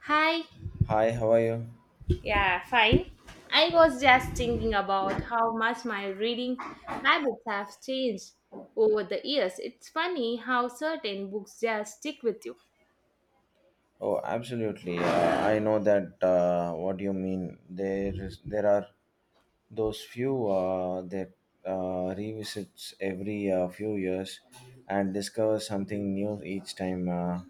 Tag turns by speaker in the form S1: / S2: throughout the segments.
S1: Hi,
S2: Hi, how are you?
S1: yeah, fine. I was just thinking about how much my reading habits have changed over the years. It's funny how certain books just stick with you.
S2: Oh, absolutely. I know that what you mean. There are those few that revisits every few years and discover something new each time.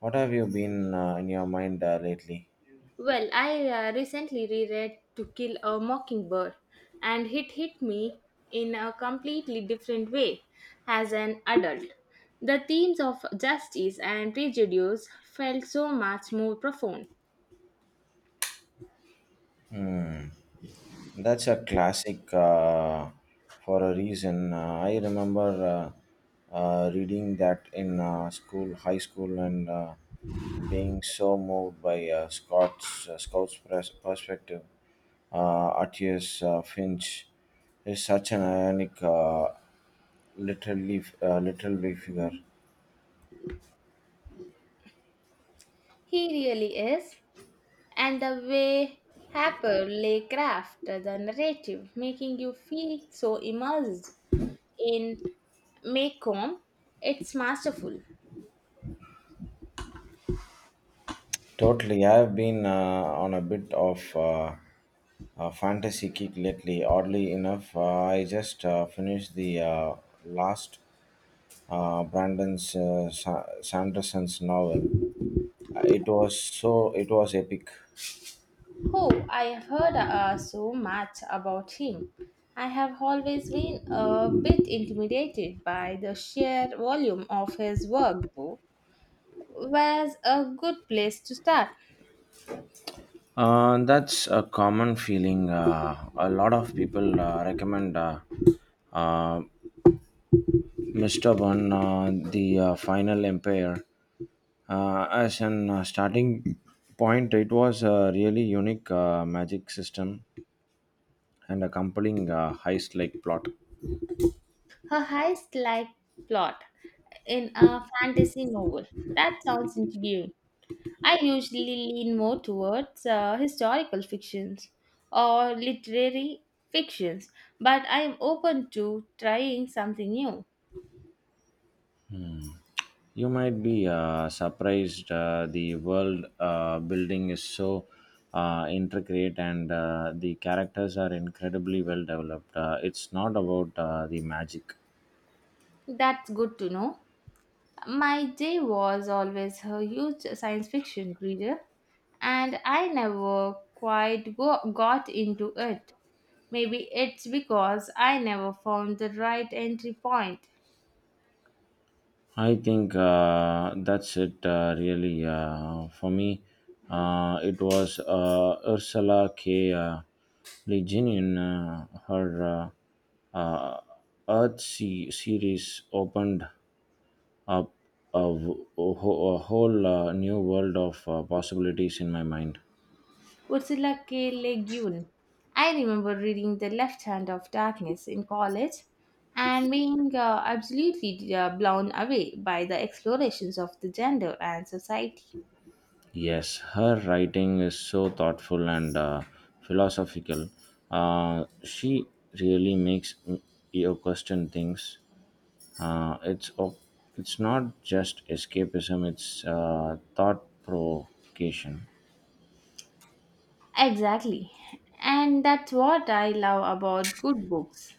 S2: What have you been in your mind lately?
S1: Well, I recently reread To Kill a Mockingbird and it hit me in a completely different way as an adult. The themes of justice and prejudice felt so much more profound.
S2: Hmm. That's a classic for a reason. I remember reading that in school, high school, and being so moved by Scott's perspective. Artius Finch is such an ionic, literally, literally figure.
S1: He really is, and the way Haperly craft the narrative, making you feel so immersed in Macomb, it's masterful.
S2: Totally, I have been on a bit of fantasy kick lately. Oddly enough, I just finished the last Brandon Sanderson's novel. It was so it was epic.
S1: Oh, I have heard so much about him. I have always been a bit intimidated by the sheer volume of his work, though. Was a good place to start.
S2: That's a common feeling. A lot of people recommend uh, Mr. Bun, The Final Empire, as an starting point. It was a really unique magic system and a compelling heist like plot.
S1: A heist-like plot in a fantasy novel. That sounds intriguing. I usually lean more towards historical fictions or literary fictions, but I am open to trying something new.
S2: You might be surprised, the world building is so intricate and the characters are incredibly well developed. It's not about the magic.
S1: That's good to know. My day was always a huge science fiction reader, and I never quite got into it. Maybe it's because I never found the right entry point.
S2: I think that's it really for me. It was Ursula K. Le Guin, her uh, uh, Earth series opened a, a w- a wh- a whole new world of possibilities in my mind.
S1: Ursula K. Le Guin. I remember reading The Left Hand of Darkness in college and being absolutely blown away by the explorations of the gender and society.
S2: Yes, her writing is so thoughtful and philosophical. She really you question things. Uh, it's op- it's not just escapism; it's thought provocation.
S1: Exactly. And that's what I love about good books.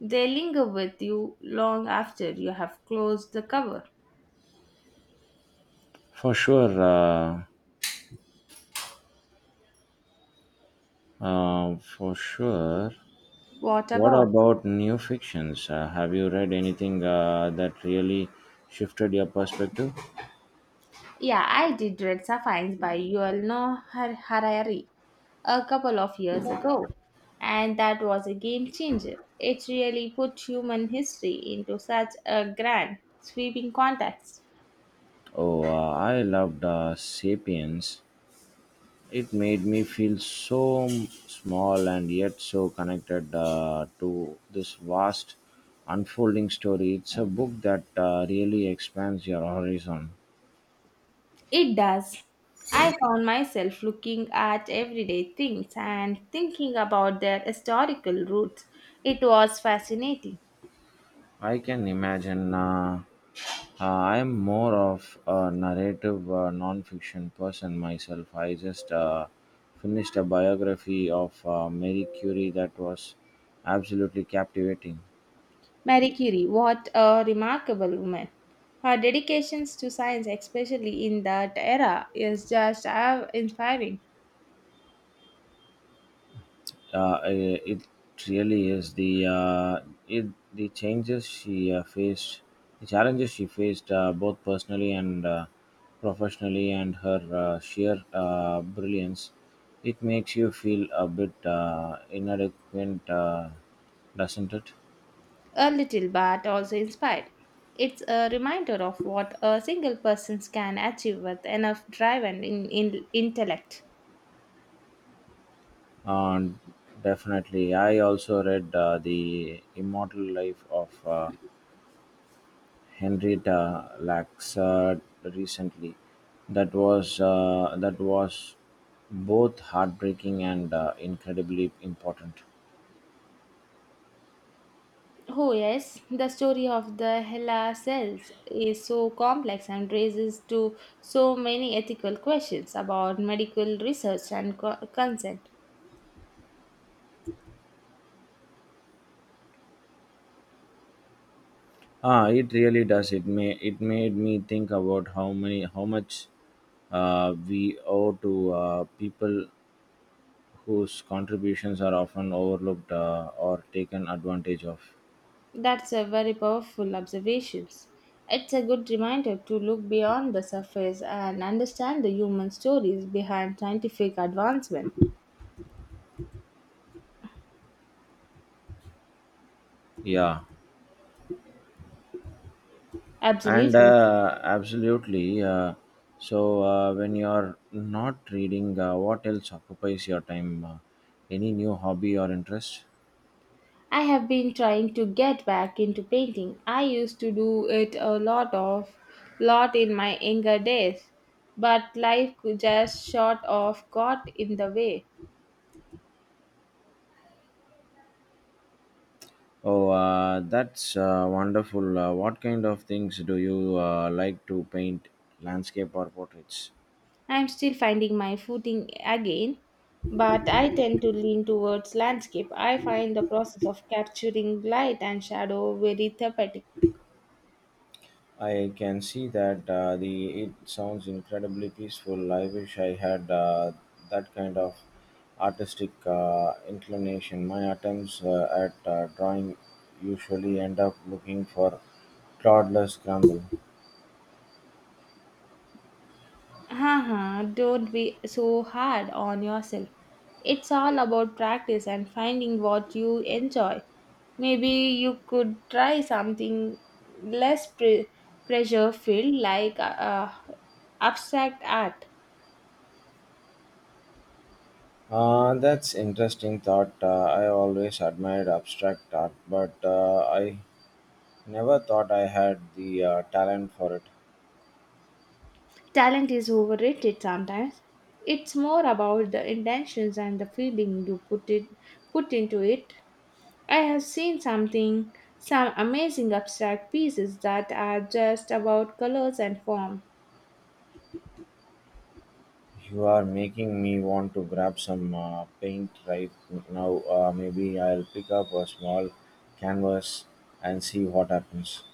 S1: They linger with you long after you have closed the cover.
S2: For sure, for sure.
S1: What
S2: What
S1: about?
S2: about new fictions? Have you read anything that really shifted your perspective?
S1: Yeah, I did read Sapphians by Yuval Noah Harari a couple of years ago, and that was a game changer. It really put human history into such a grand, sweeping context.
S2: Oh, I loved Sapiens. It made me feel small and yet so connected to this vast unfolding story. It's a book that really expands your horizon.
S1: It does. I found myself looking at everyday things and thinking about their historical roots. It was fascinating.
S2: I can imagine. I am more of a narrative fiction person myself. I just finished a biography of Marie Curie that was absolutely captivating.
S1: Marie Curie, what a remarkable woman. Her dedications to science, especially in that era, is just inspiring.
S2: It really is the it, the changes the challenges she faced both personally and professionally, and her sheer brilliance. It makes you feel a bit inadequate, doesn't it?
S1: A little, but also inspired. It's a reminder of what a single person can achieve with enough drive and in intellect.
S2: Uh, Definitely. I also read The Immortal Life of Henrietta Lacks recently. That was both heartbreaking and incredibly important.
S1: Oh, yes, the story of the HeLa cells is so complex and raises to so many ethical questions about medical research and consent.
S2: Ah, it really does. It made me think about how much we owe to people whose contributions are often overlooked or taken advantage of.
S1: That's a very powerful observations. It's a good reminder to look beyond the surface and understand the human stories behind scientific advancement.
S2: Yeah. and
S1: Absolutely.
S2: uh, absolutely. So when you're not reading, what else occupies your time? Any new hobby or interest?
S1: I have been trying to get back into painting. I used to do it a lot of lot in my younger days, but life could just sort of got in the way.
S2: Oh, that's wonderful. What kind of things do you like to paint? Landscape or portraits?
S1: I'm still finding my footing again, but I tend to lean towards landscape. I find the process of capturing light and shadow very therapeutic.
S2: I can see that. Uh, the it sounds incredibly peaceful. I wish I had that kind of artistic inclination. My attempts at drawing usually end up looking for toddlers crumble.
S1: Haha, don't be so hard on yourself. It's all about practice and finding what you enjoy. Maybe you could try something less pre- pressure filled like abstract art.
S2: That's interesting thought. I always admired abstract art, but I never thought I had the talent for it.
S1: Talent is overrated sometimes. It's more about the intentions and the feeling you put it put into it. I have seen some amazing abstract pieces that are just about colors and form.
S2: You're making me want to grab some paint right now. Maybe I'll pick up a small canvas and see what happens.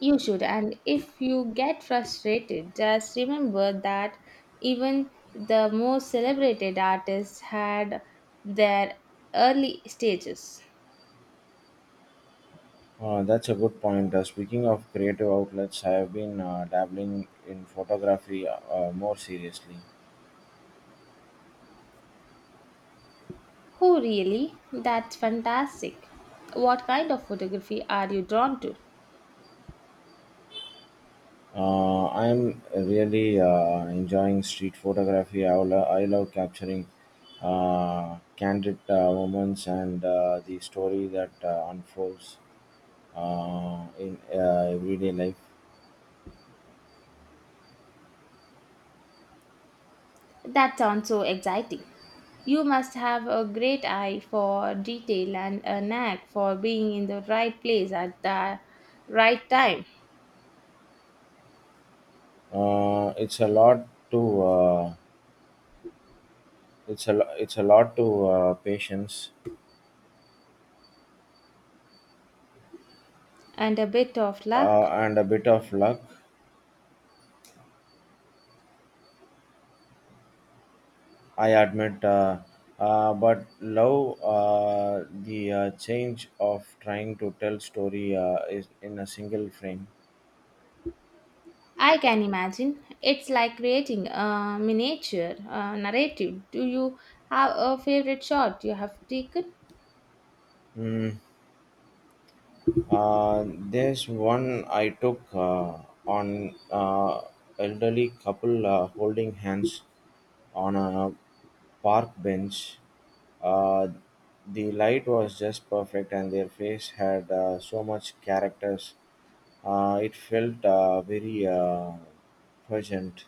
S1: You should, and if you get frustrated, just remember that even the most celebrated artists had their early stages.
S2: That's a good point. Speaking of creative outlets, I have been dabbling in photography more seriously.
S1: Oh, really? That's fantastic. What kind of photography are you drawn to?
S2: I'm really enjoying street photography. I love capturing candid moments and the story that unfolds in everyday life.
S1: That sounds so exciting. You must have a great eye for detail and a knack for being in the right place at the right time,
S2: It's a lot to it's a lo- it's a lot to patience
S1: and a bit of luck.
S2: and a bit of luck. I admit, but love the change of trying to tell story is in a single frame.
S1: I can imagine. It's like creating a miniature narrative. Do you have a favorite shot you have taken?
S2: Mm, there's one I took on elderly couple holding hands on a park bench. Uh, the light was just perfect, and their face had so much characters. It felt very present.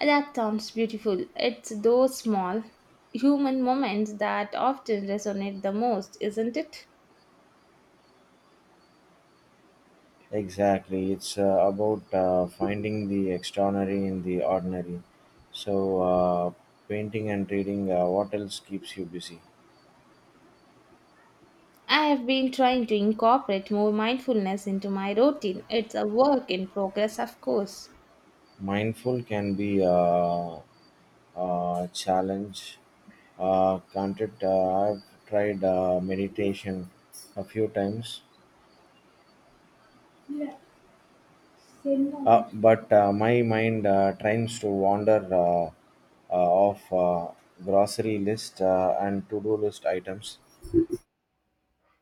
S1: That sounds beautiful. It's those small human moments that often resonate the most, isn't it?
S2: Exactly, it's about finding the extraordinary in the ordinary. So, painting and reading, what else keeps you busy?
S1: I have been trying to incorporate more mindfulness into my routine. It's a work in progress, of course.
S2: Mindful can be a challenge, can't it? I've tried meditation a few times, but my mind tries to wander off grocery list and to-do list items.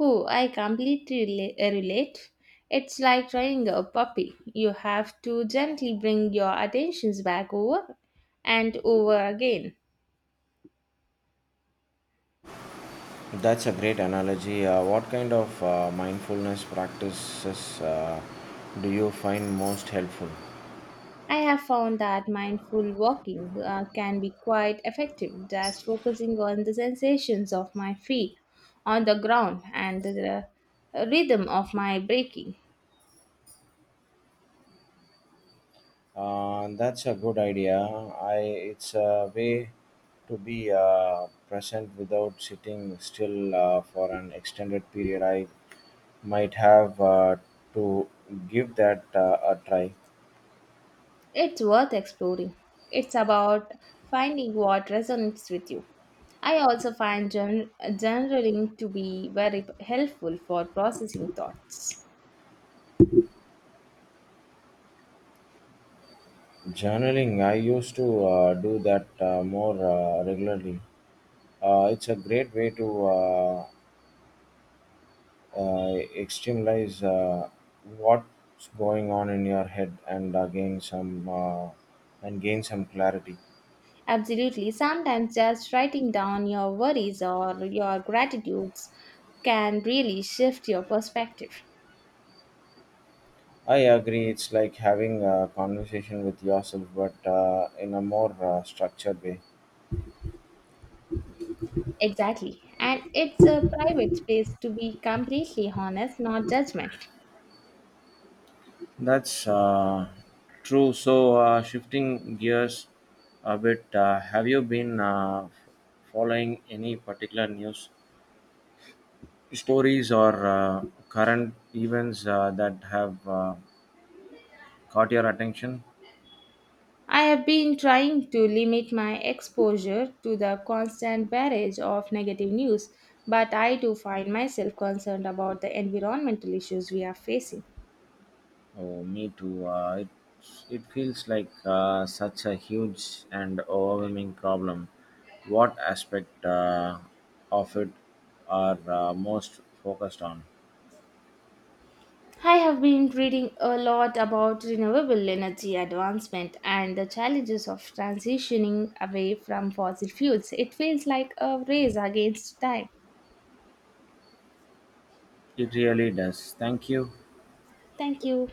S1: Oh, I completely relate. It's like trying a puppy. You have to gently bring your attentions back over and over again.
S2: That's a great analogy. What kind of mindfulness practices do you find most helpful?
S1: I have found that mindful walking can be quite effective, just focusing on the sensations of my feet on the ground and the rhythm of my breathing.
S2: That's a good idea. I it's a way to be present without sitting still for an extended period. I might have to give that a try.
S1: It's worth exploring. It's about finding what resonates with you. I also find journaling to be very helpful for processing thoughts.
S2: Journaling, I used to do that more regularly. It's a great way to externalize what's going on in your head and gain some clarity.
S1: Absolutely. Sometimes just writing down your worries or your gratitudes can really shift your perspective.
S2: I agree. It's like having a conversation with yourself, but in a more structured way.
S1: Exactly. And it's a private space to be completely honest, not judgment.
S2: That's true. So, shifting gears a bit, have you been following any particular news stories or current events that have caught your attention?
S1: I have been trying to limit my exposure to the constant barrage of negative news, but I do find myself concerned about the environmental issues we are facing.
S2: Oh, me too. It feels like such a huge and overwhelming problem. What aspect of it are most focused on?
S1: I have been reading a lot about renewable energy advancement and the challenges of transitioning away from fossil fuels. It feels like a race against time.
S2: It really does. Thank you.
S1: Thank you.